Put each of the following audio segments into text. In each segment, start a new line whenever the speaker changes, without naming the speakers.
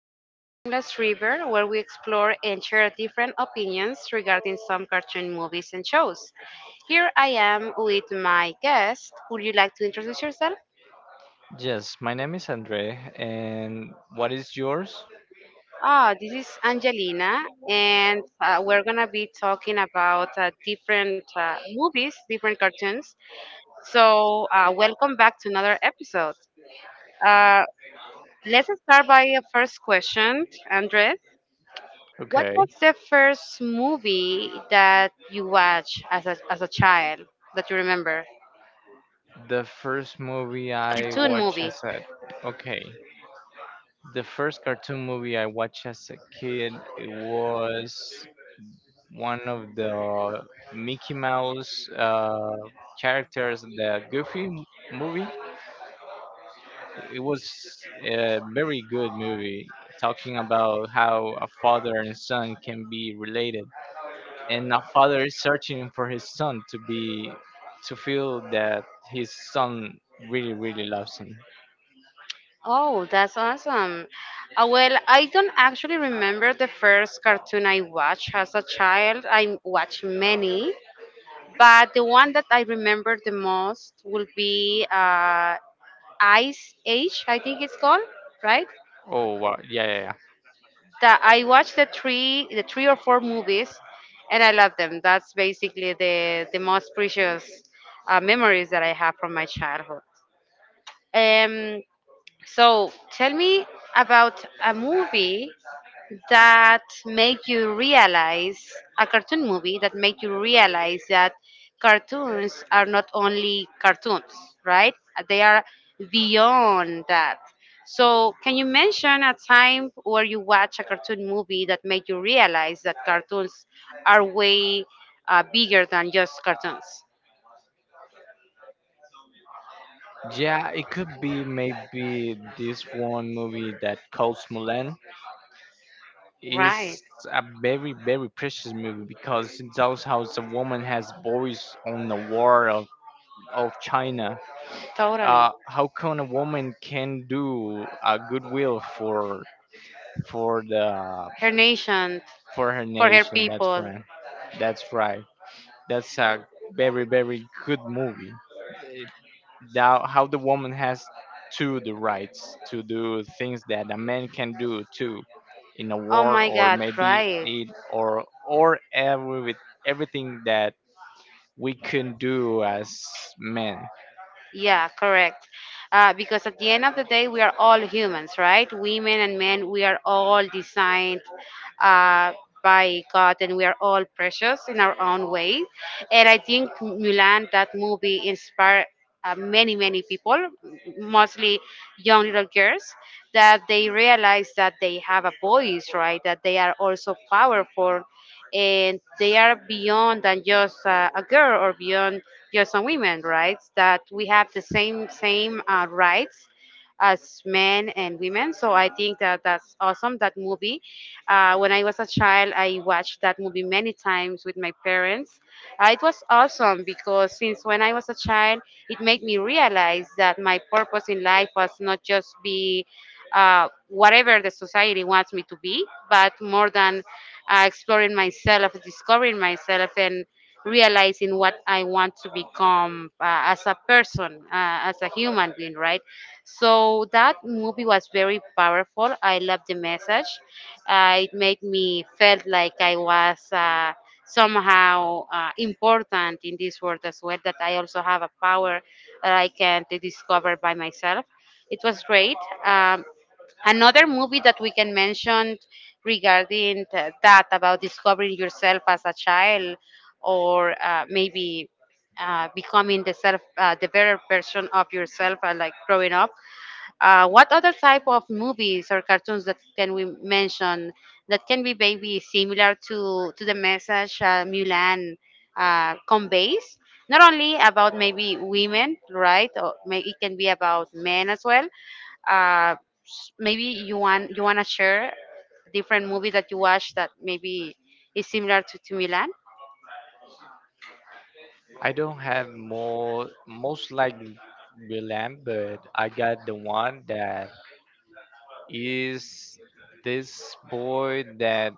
Welcome to Timeless River, where we explore and share different opinions regarding some cartoon movies and shows. Here I am with my guest. Would you like to introduce yourself?
Yes, my name is Andre, and what is yours?
Ah, this is Angelina, and we're gonna be talking about different movies, different cartoons. So, welcome back to another episode. Uh, let's start by a first question, Andres. What
Okay.
was the first movie that you watched as as a child that you remember?
The first movie I
Cartoon
watched
movie.
as a okay. The first cartoon movie I watched as a kid it was one of the Mickey Mouse characters, the movie. It was a very good movie, talking about how a father and son can be related and a father is searching for his son to be to feel that his son really really loves him.
Oh, that's awesome. Well, I don't actually remember the first cartoon I watched as a child. I watched many, but the one that I remember the most will be Ice Age, I think it's called, right?
Oh wow, yeah, yeah, yeah.
That I watched the three or four movies, and I love them. That's basically the most precious memories that I have from my childhood. Um, so tell me about a movie that make you realize a cartoon movie that make you realize that cartoons are not only cartoons, right? They are beyond that. So can you mention a time where you watch a cartoon movie that made you realize that cartoons are way bigger than just cartoons?
Yeah, it could be maybe this one movie that called Mulan
Right,
is a very very precious movie because it tells how a woman has voice on the war of China.
totally.
How can a woman can do a goodwill for the
Her nation,
for her
for her
nation. That's
people.
right. That's right. That's a very very good movie. It, how the woman has to the rights to do things that a man can do too in a
Oh
war
my
or
God,
maybe
right.
it or every with everything that we can do as men.
Yeah, correct. Because at the end of the day, we are all humans, right? Women and men, we are all designed uh, by God, and we are all precious in our own way. And I think Mulan, that movie, inspired many, many people, mostly young little girls, that they realize that they have a voice, right? That they are also powerful and they are beyond than just a girl or beyond just a woman, right? That we have the same rights as men and women. So I think that that's awesome. That movie. When I was a child, I watched that movie many times with my parents. It was awesome because since when I was a child, it made me realize that my purpose in life was not just be whatever the society wants me to be, but more than exploring myself, discovering myself, and realizing what I want to become as a person, as a human being, right? So that movie was very powerful. I loved the message. It made me felt like I was somehow important in this world as well. That I also have a power that I can discover by myself. It was great. Um, Another movie that we can mention regarding that about discovering yourself as a child or maybe becoming the self the better version of yourself like growing up, what other type of movies or cartoons that can we mention that can be maybe similar to the message Mulan conveys? Not only about maybe women, right? Or maybe it can be about men as well. Uh, Maybe you want to share different movie that you watch that maybe is similar to Mulan.
I don't have more most likely William, but I got the one that is this boy that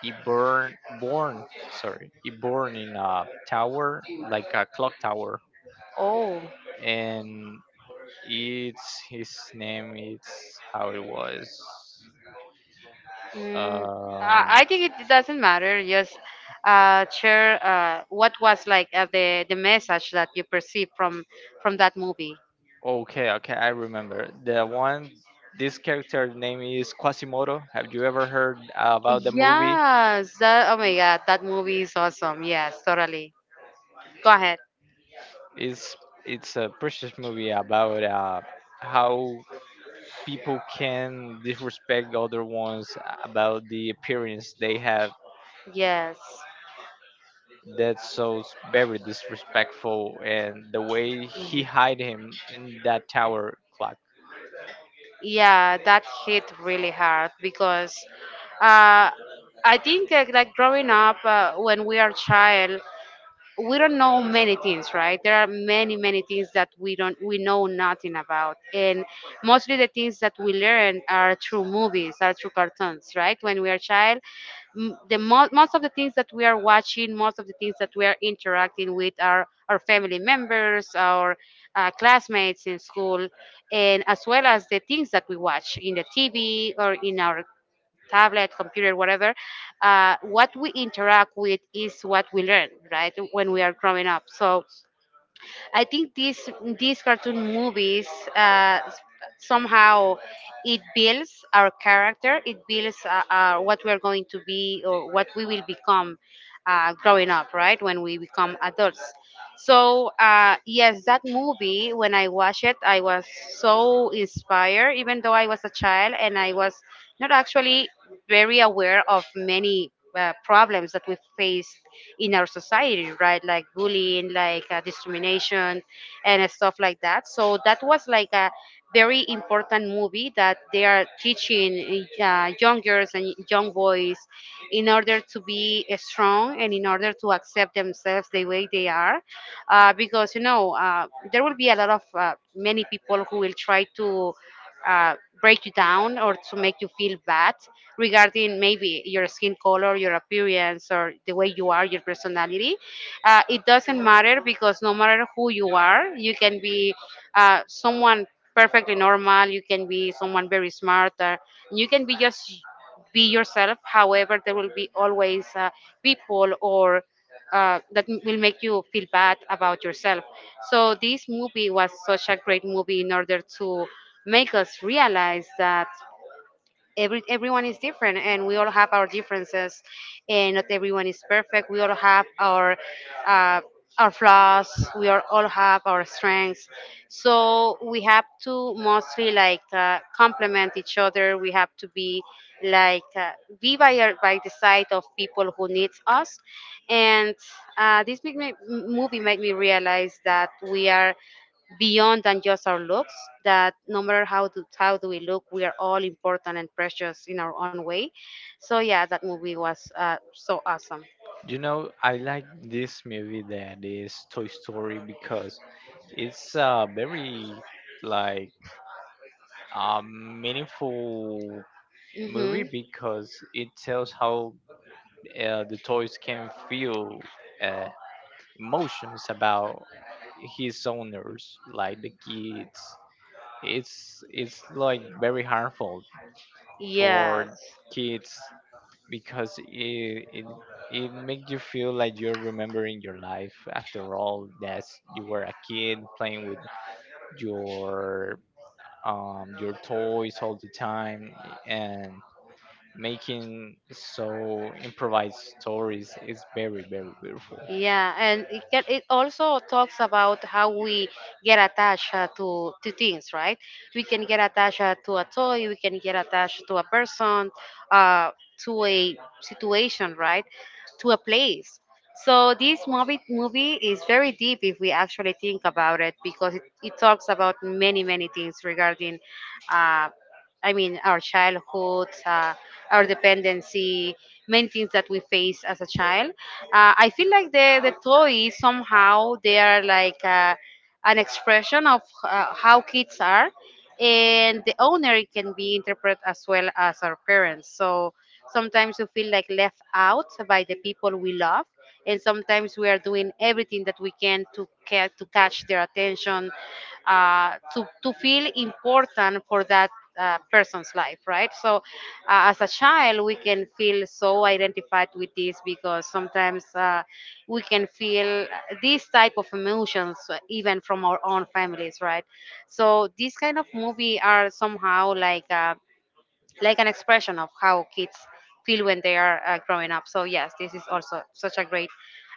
He born born sorry. He born in a tower like a clock tower,
Oh.
and it's his name. It's how it was.
Mm, I
Um.
I think it doesn't matter. Just share what was like the message that you perceived from that movie.
Okay. Okay. I remember the one. This character name is Quasimodo. Have you ever heard about the movie?
Yes. That, oh my God, that movie is awesome. Yes, totally. Go ahead.
It's it's a precious movie about how people can disrespect other ones about the appearance they have.
Yes.
That's so very disrespectful, and the way he hide him in that tower clock.
Yeah, that hit really hard because uh, I think like growing up when we are child, we don't know many things, right? There are many things that we don't, we know nothing about, and mostly the things that we learn are through movies, are through cartoons, right? When we are child, most of the things that we are watching, most of the things that we are interacting with are our family members, our classmates in school, and as well as the things that we watch in the TV or in our tablet, computer, whatever, what we interact with is what we learn, right? When we are growing up. So I think these cartoon movies uh, somehow it builds our character, it builds what we are going to be or what we will become growing up, right? When we become adults. So yes, that movie when I watched it, I was so inspired. Even though I was a child and I was not actually very aware of many problems that we face in our society, right? Like bullying, like discrimination, and stuff like that. So that was like a very important movie that they are teaching young girls and young boys in order to be strong and in order to accept themselves the way they are, because you know, there will be a lot of many people who will try to uh, break you down or to make you feel bad regarding maybe your skin color, your appearance, or the way you are, your personality. It doesn't matter because no matter who you are, you can be someone perfectly normal, you can be someone very smart, or you can be just be yourself. However, there will be always people or that m- will make you feel bad about yourself. So this movie was such a great movie in order to make us realize that everyone is different and we all have our differences, and not everyone is perfect. We all have uh, our flaws, we all have our strengths, so we have to mostly like complement each other. We have to be like be by by the side of people who needs us, and this movie made me realize that we are beyond than just our looks, that no matter how do we look, we are all important and precious in our own way. So yeah, that movie was so awesome.
You know, I like this movie that is Toy Story because it's a very like meaningful movie
Hmm.
because it tells how the toys can feel uh, emotions about his owners, like the kids. It's like very harmful for
Yes.
kids because it makes you feel like you're remembering your life. After all, that's you were a kid playing with your your toys all the time and making so improvised stories is very very beautiful.
Yeah, and it can, it also talks about how we get attached to things, right? We can get attached to a toy, we can get attached to a person, uh, to a situation, right? To a place. So this movie is very deep if we actually think about it, because it talks about many things regarding, uh, I mean, our childhood, our dependency, many things that we face as a child. I feel like the toys somehow, they are like an expression of how kids are, and the owner can be interpreted as well as our parents. So sometimes we feel like left out by the people we love, and sometimes we are doing everything that we can to catch their attention, to feel important for that person's life, right? So, as a child, we can feel so identified with this because sometimes we can feel these type of emotions even from our own families, right? So these kind of movie are somehow like an expression of how kids feel when they are growing up. So yes, this is also such a great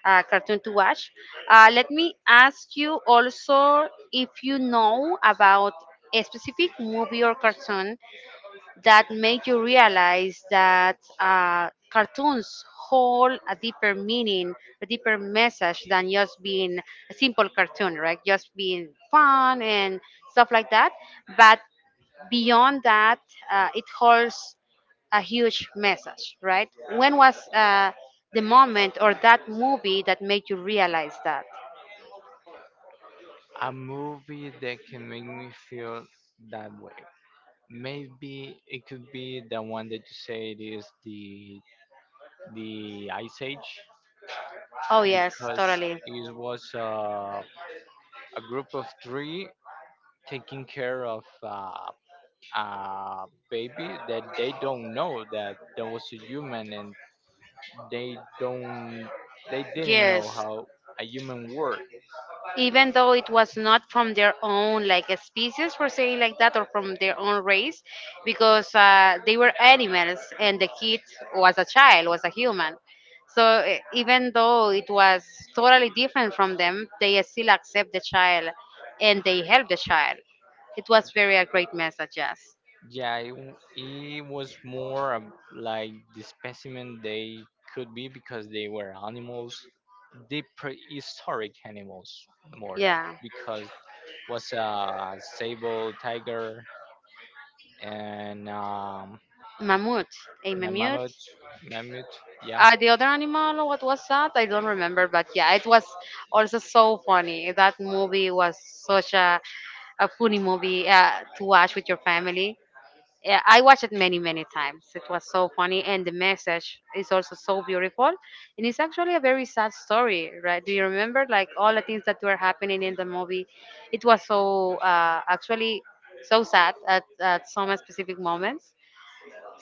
cartoon to watch. Let me ask you also if you know about a specific movie or cartoon that make you realize that cartoons hold a deeper meaning, a deeper message than just being a simple cartoon, right? Just being fun and stuff like that. But beyond that, it holds a huge message, right? When was the moment or that movie that made you realize that?
A movie that can make me feel that way. Maybe it could be the one that you said is the Ice Age
Oh, yes,
because
totally.
it was a group of three taking care of a baby that they don't know that there was a human and they don't they didn't know
Yes,
how a human worked.
even though it was not from their own like a species for saying like that, or from their own race, because they were animals and the kid was a child was a human. So even though it was totally different from them, they still accept the child and they help the child. It was very a great message. Yes.
Yeah, it was more of like the specimen they could be because they were animals, the prehistoric animals, more like
Yeah.
because was a sable tiger and um,
Mammut. A
and a
mammut.
mammoth. Mammoth, yeah.
The other animal, what was that? I don't remember, but yeah, it was also so funny. That movie was such a funny movie to watch with your family. Yeah, I watched it many, many times. It was so funny, and the message is also so beautiful. And it's actually a very sad story, right? Do you remember, like all the things that were happening in the movie? It was so actually so sad at some specific moments.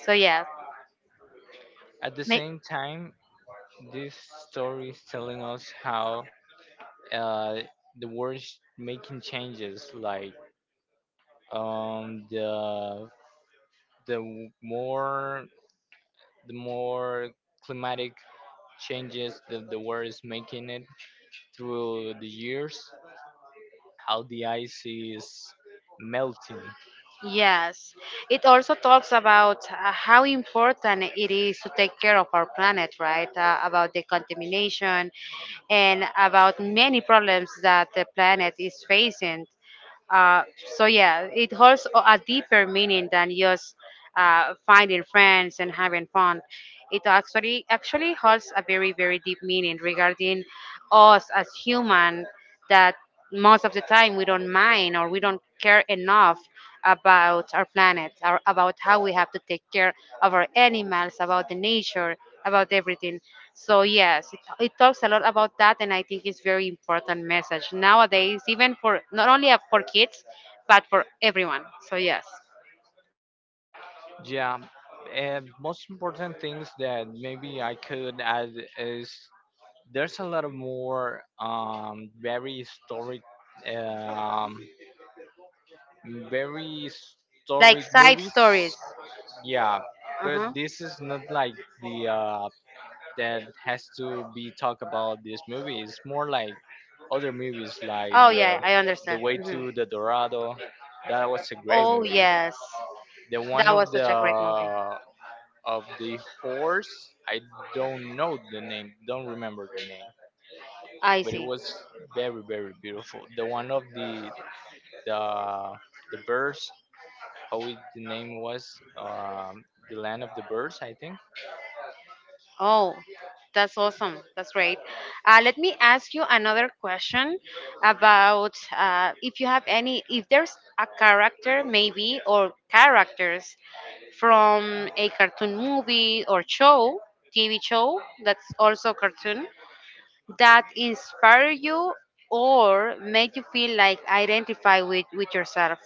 So yeah,
At the
ma-.
same time this story is telling us how uh, the world is making changes like um, the the more the more climatic changes that the world is making it through the years how the ice is melting.
Yes, it also talks about how important it is to take care of our planet, right? About the contamination and about many problems that the planet is facing. Uh, so yeah, it holds a deeper meaning than just finding friends and having fun. It actually holds a very deep meaning regarding us as human that most of the time we don't mind or we don't care enough about our planet or about how we have to take care of our animals, about the nature about everything. So yes, it talks a lot about that, and I think it's very important message nowadays, even for not only for kids, but for everyone. So yes,
Yeah, and most important things that maybe I could add is there's a lot of more um, very
like
historic
side
movies.
stories.
Yeah, but
Uh-huh.
this is not like the that has to be talk about this movie. It's more like other movies like
Oh yeah, I
the
understand.
way
Mhm.
to the Dorado. That was a great
Oh
movie.
yes,
The one
that was such a great movie.
of the horse. I don't know the name, don't remember the name,
I
but it
see.
was very very beautiful. The one of the the birds, how it, the name was, the land of the birds, I think.
Oh, that's awesome. That's great. Let me ask you another question about if you have any, if there's a character maybe or characters from a cartoon movie or show, TV show that's also cartoon, that inspire you or make you feel like identify with yourself.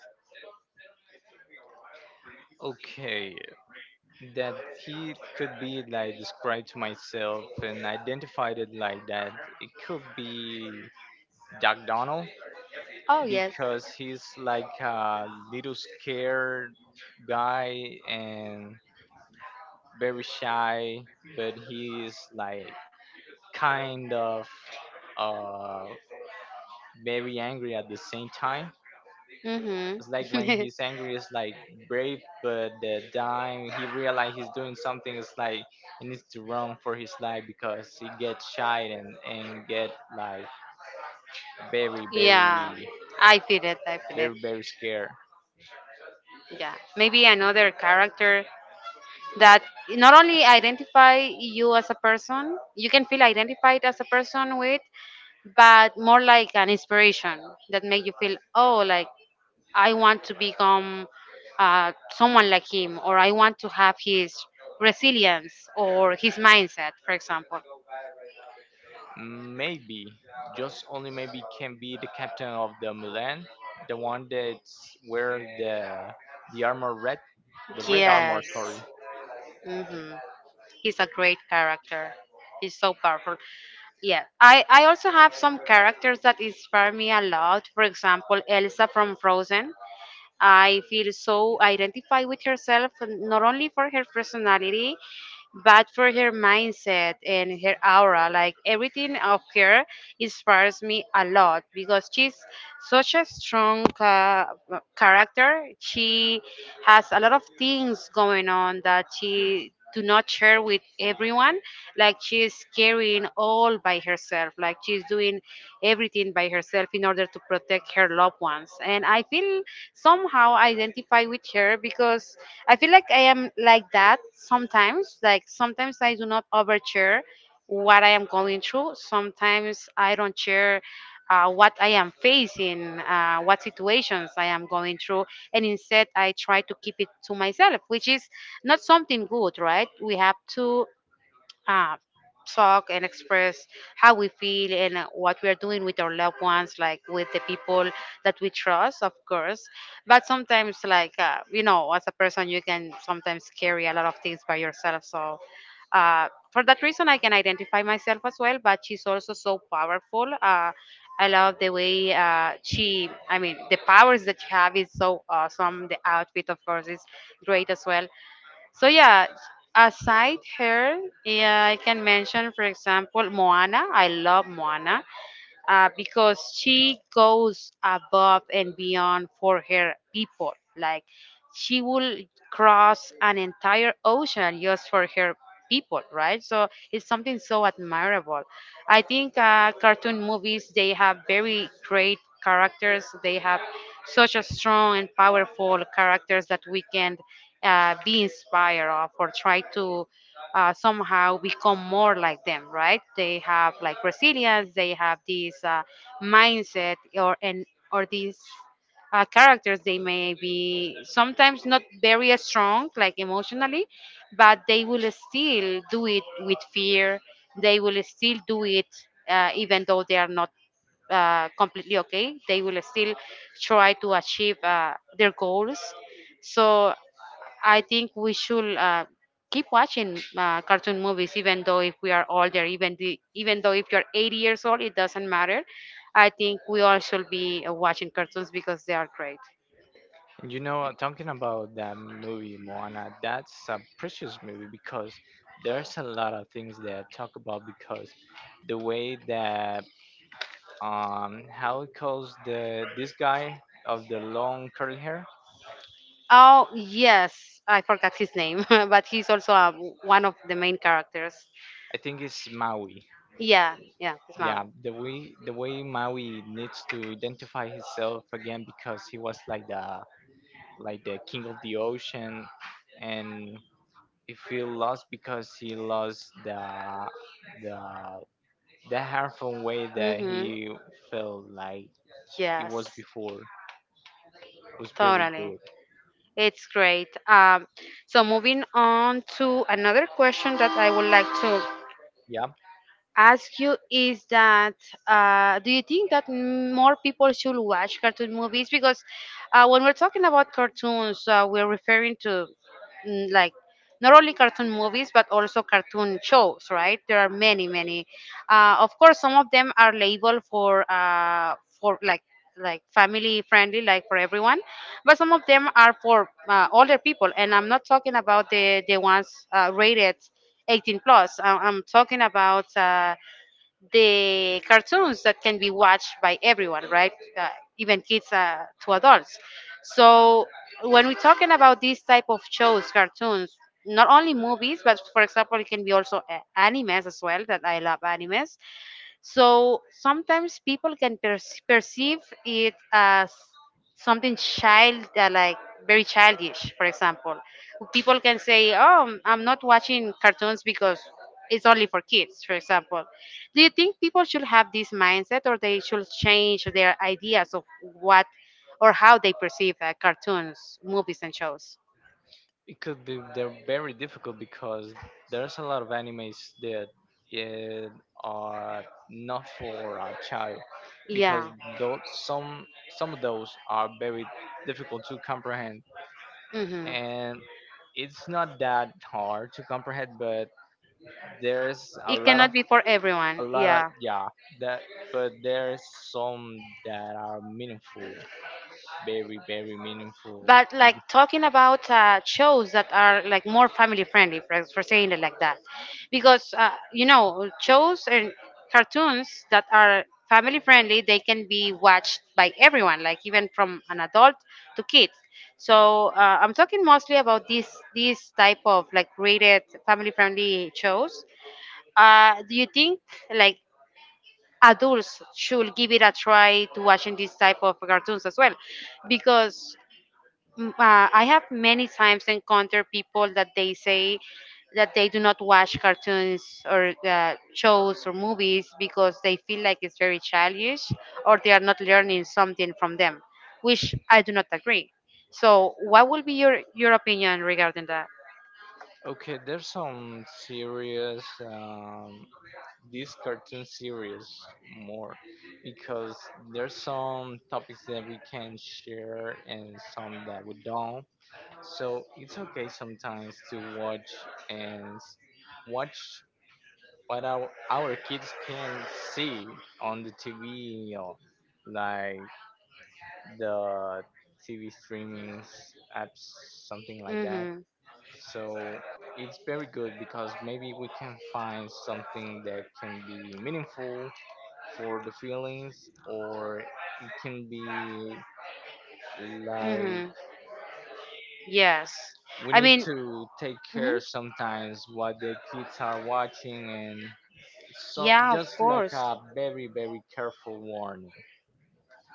Okay, that he could be like described to myself and identified it like that. It could be Jack Donald
Oh, yes.
because he's like a little scared guy and very shy, but he's like kind of uh very angry at the same time.
Mm-hmm.
It's like when he's angry, it's like brave, but the time he realizes he's doing something, it's like he needs to run for his life because he gets shy and get like very, very,
Yeah, I feel it. I feel
very,
it.
very scared.
Yeah, maybe another character that not only identify you as a person, you can feel identified as a person with, but more like an inspiration that make you feel, oh, like I want to become someone like him, or I want to have his resilience or his mindset, for example.
Maybe, just only maybe, can be the captain of the Milan, the one that's wear the armor red, the red armor.
Yes.
Sorry.
Hmm. He's a great character. He's so powerful. Yeah, I also have some characters that inspire me a lot. For example, Elsa from Frozen. I feel so identified with herself, not only for her personality, but for her mindset and her aura. Like everything of her inspires me a lot because she's such a strong character. She has a lot of things going on that she do not share with everyone like she's carrying all by herself like she's doing everything by herself in order to protect her loved ones, and I feel somehow identify with her because I feel like I am like that sometimes. Like sometimes I do not overshare what I am going through. Sometimes I don't share what I am facing, what situations I am going through, and instead I try to keep it to myself, which is not something good, right? We have to uh, talk and express how we feel and what we are doing with our loved ones, like with the people that we trust, of course. But sometimes, like, as a person, you can sometimes carry a lot of things by yourself. So, for that reason, I can identify myself as well. But she's also so powerful. I love the way I mean, the powers that she have is so awesome. The outfit, of course, is great as well. So yeah, aside her, yeah, I can mention for example Moana. I love Moana because she goes above and beyond for her people. Like she will cross an entire ocean just for her people, right? So it's something so admirable. I think cartoon movies they have very great characters. They have such a strong and powerful characters that we can be inspired of or try to somehow become more like them, right? They have like resilience, they have this mindset, or and or these characters. They may be sometimes not very strong, like emotionally, but they will still do it with fear. They will still do it even though they are not completely okay. They will still try to achieve their goals. So I think we should keep watching cartoon movies, even though if we are older, even though if you're 80 years old, it doesn't matter. I think we all should be watching cartoons because they are great.
And you know, talking about that movie Moana, that's a precious movie because there's a lot of things that talk about because the way that how it calls the this guy of the long curly hair,
Oh yes, I forgot his name, but he's also one of the main characters.
I think it's Maui.
Yeah, it's
Yeah,
Maui.
the way Maui needs to identify himself again because he was like the king of the ocean and if he feel lost because he lost the the harmful way that
Mm-hmm.
he felt like it was
Yes,
before. It was very
totally.
good.
It's great. So moving on to another question that I would like to
Yeah,
ask you is that do you think that more people should watch cartoon movies? Because when we're talking about cartoons, we're referring to like not only cartoon movies but also cartoon shows, right? There are many, many. Of course, some of them are labeled for like family friendly like for everyone, but some of them are for older people, and I'm not talking about the ones rated 18 plus. I'm talking about the cartoons that can be watched by everyone, right? Even kids to adults. So when we're talking about these type of shows, cartoons, not only movies, but for example, it can be also animes as well. That I love animes. So sometimes people can perceive it as something child, like very childish. For example, people can say, "Oh, I'm not watching cartoons because it's only for kids." For example, do you think people should have this mindset, or they should change their ideas of what or how they perceive cartoons, movies, and shows?
it could be they're very difficult because there's a lot of animes that it are not for a child because
Yeah.
those some of those are very difficult to comprehend
Hmm.
and it's not that hard to comprehend but there's
It cannot be for everyone.
a lot of
Yeah.
yeah that but there's some that are meaningful, very very meaningful.
But like talking about shows that are like more family friendly for saying it like that, because you know, shows and cartoons that are family friendly they can be watched by everyone like even from an adult to kids. So I'm talking mostly about these type of like rated family friendly shows. Do you think like adults should give it a try to watching these type of cartoons as well, because I have many times encountered people that they say that they do not watch cartoons or shows or movies because they feel like it's very childish or they are not learning something from them, which I do not agree. So, what will be your opinion regarding that?
Okay, there's some serious. This cartoon series more because there's some topics that we can share and some that we don't. So it's okay sometimes to watch and s- watch what our kids can see on the TV, you know, like the TV streamings apps, something like that.
Mhm.
So it's very good because maybe we can find something that can be meaningful for the feelings or it can be like
Mhm. Yes.
we
I
need
mean,
to take
mhm.
care sometimes what the kids are watching and so
Yeah, of
just like
course.
a very very careful warning.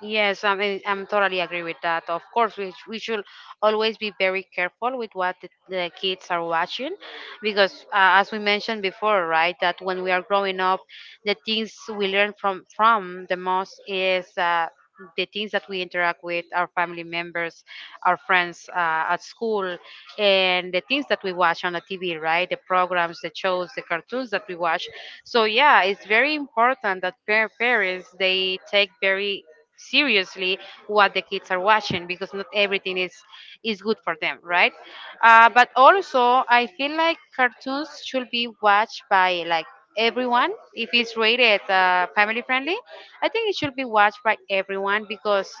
Yes, I mean, I'm totally agree with that. Of course, we should always be very careful with what the kids are watching, because, as we mentioned before, right, that when we are growing up, the things we learn from the most is the things that we interact with our family members, our friends at school, and the things that we watch on the TV, right? The programs, the shows, the cartoons that we watch. So, yeah, it's very important that parents, they take very seriously what the kids are watching because not everything is good for them, right? But also, I feel like cartoons should be watched by like everyone. If it's rated family friendly, I think it should be watched by everyone because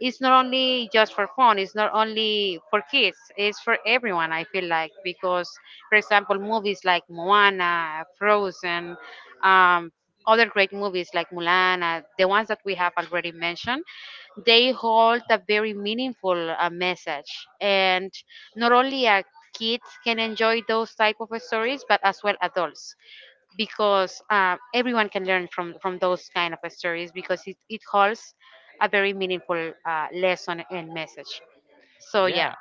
it's not only just for fun, it's not only for kids, it's for everyone I feel like, because for example movies like Moana, Frozen, um, other great movies like Mulan, the ones that we have already mentioned, they hold a very meaningful message, and not only a kids can enjoy those type of stories but as well adults, because everyone can learn from those kind of stories because it holds a very meaningful lesson and message. So yeah.
Yeah,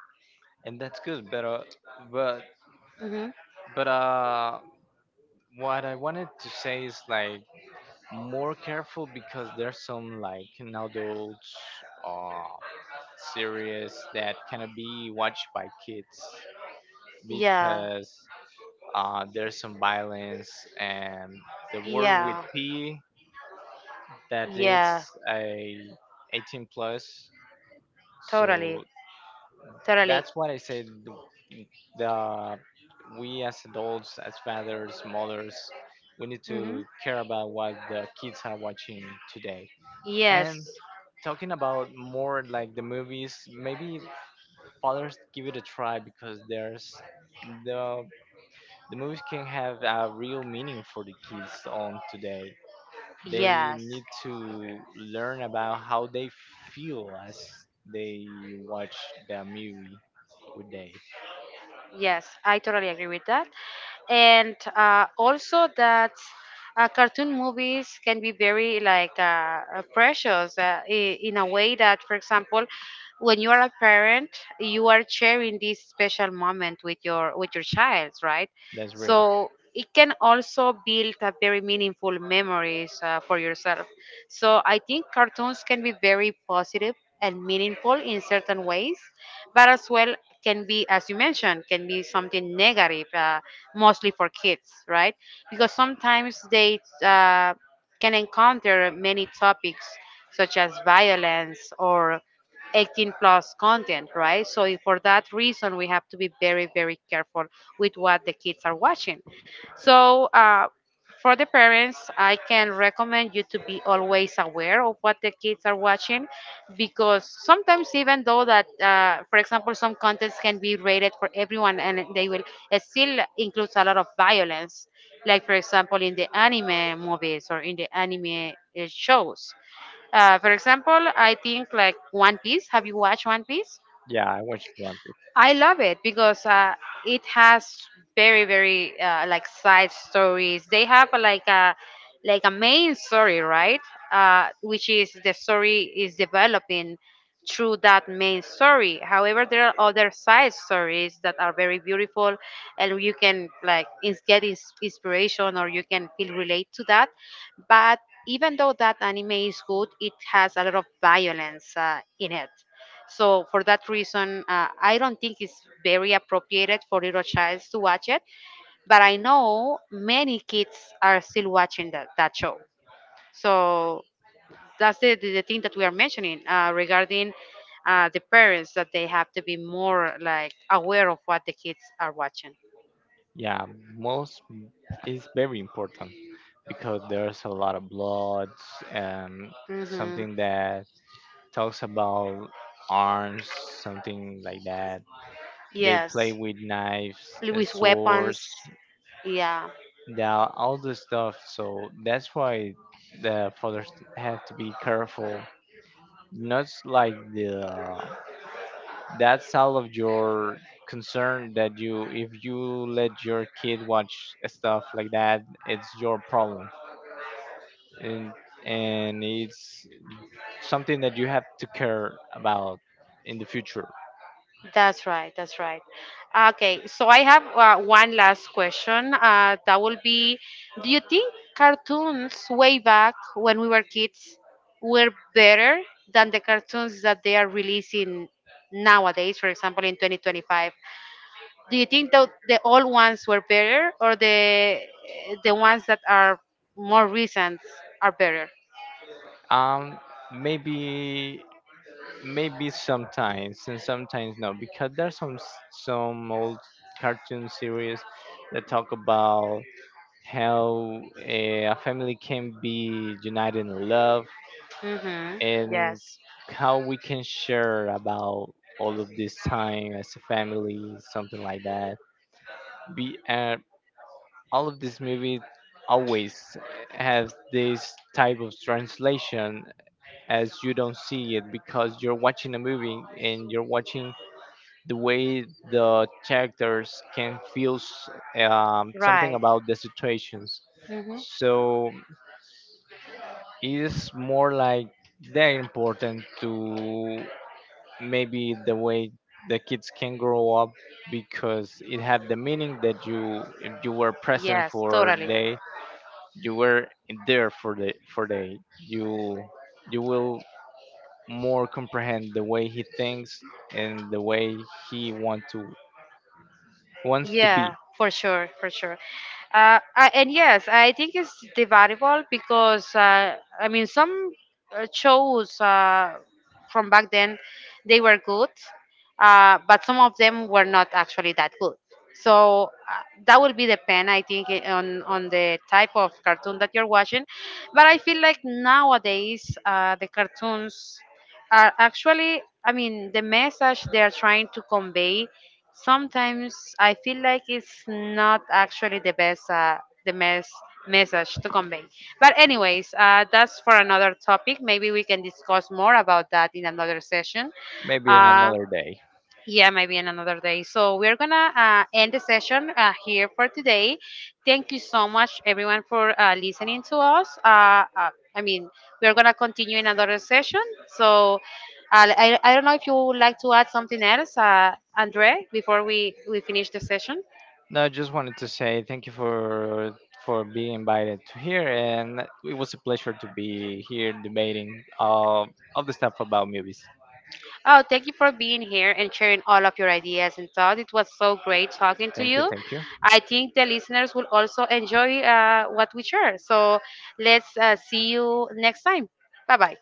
and that's good, but
Hmm.
but what I wanted to say is like more careful because there's some like an adult uh series that cannot be watched by kids
Yeah,
because there's some violence and the word with
yeah
P that
yeah,
it's a 18 plus. So
totally. Totally.
that's what I say. The We as adults, as fathers, mothers, we need
Hmm.
to care about what the kids are watching today. And
Yes.
talking about more like the movies, maybe fathers give it a try because there's the the movies can have a real meaning for the kids on today they
Yes.
need to learn about how they feel as they watch the movie with Dave.
Yes, I totally agree with that. And also that cartoon movies can be very like precious in a way that, for example, when you are a parent, you are sharing this special moment with your child, right?
That's real.
So it can also build a very meaningful memories for yourself. So I think cartoons can be very positive and meaningful in certain ways, but as well can be, as you mentioned, can be something negative, mostly for kids, right? Because sometimes they can encounter many topics such as violence or 18 plus content, right? For that reason we have to be very careful with what the kids are watching. So for the parents, I can recommend you to be always aware of what the kids are watching, because sometimes even though that for example some contents can be rated for everyone, and they will it still includes a lot of violence, like for example in the anime movies or in the anime shows. For example, I think like One Piece. Have you watched One Piece?
Yeah, I watched One Piece.
I love it because it has very like side stories. They have like a main story, right? Which is the story is developing through that main story. However, there are other side stories that are very beautiful, and you can like get inspiration or you can feel relate to that. But even though that anime is good, it has a lot of violence in it. So for that reason, I don't think it's very appropriated for little child to watch it. But I know many kids are still watching that show. So that's the thing that we are mentioning regarding the parents that they have to be more like aware of what the kids are watching.
Yeah, most is very important because there's a lot of bloods and
Hmm.
something that talks about arms, something like that. They
Yes,
play with knives,
with weapons.
swords,
Yeah.
yeah, all this stuff. So that's why the fathers have to be careful. Not like the that's out of your concern that you if you let your kid watch stuff like that, it's your problem, and it's something that you have to care about in the future.
That's right. That's right. Okay, so I have one last question. That will be, do you think cartoons way back when we were kids were better than the cartoons that they are releasing nowadays? For example, in 2025, do you think that the old ones were better or the ones that are more recent are better?
Um, Maybe maybe sometimes and sometimes no, because there's some old cartoon series that talk about how eh, a family can be united in love
Mm-hmm.
and
Yes.
how we can share about all of this time as a family, something like that. Be all of these movies always has this type of translation as you don't see it because you're watching a movie and you're watching the way the characters can feel something
Right.
about the situations.
Mm-hmm.
So it is more like they're important to maybe the way the kids can grow up because it had the meaning that you if you were present
Yes.
for
Totally.
day, you were there for the for day. you you will more comprehend the way he thinks and the way he wants to be
Yeah, for sure, for sure. And yes, I think it's debatable because I mean some shows from back then they were good, but some of them were not actually that good. So that will be the pen, I think, on the type of cartoon that you're watching. But I feel like nowadays the cartoons are actually, I mean, the message they are trying to convey. Sometimes I feel like it's not actually the best message to convey. But anyways, that's for another topic. Maybe we can discuss more about that in another session.
maybe in
Uh,
another day.
yeah, maybe in another day. So we're gonna end the session here for today. Thank you so much, everyone, for listening to us. I mean, we're gonna continue in another session. So I don't know if you would like to add something else, Andre, before we finish the session.
No, I just wanted to say thank you for being invited to here, and it was a pleasure to be here debating all the stuff about movies.
Oh, thank you for being here and sharing all of your ideas and thoughts. It was so great talking to
Thank you,
you.
thank you.
I think the listeners will also enjoy what we share. So let's see you next time. Bye bye.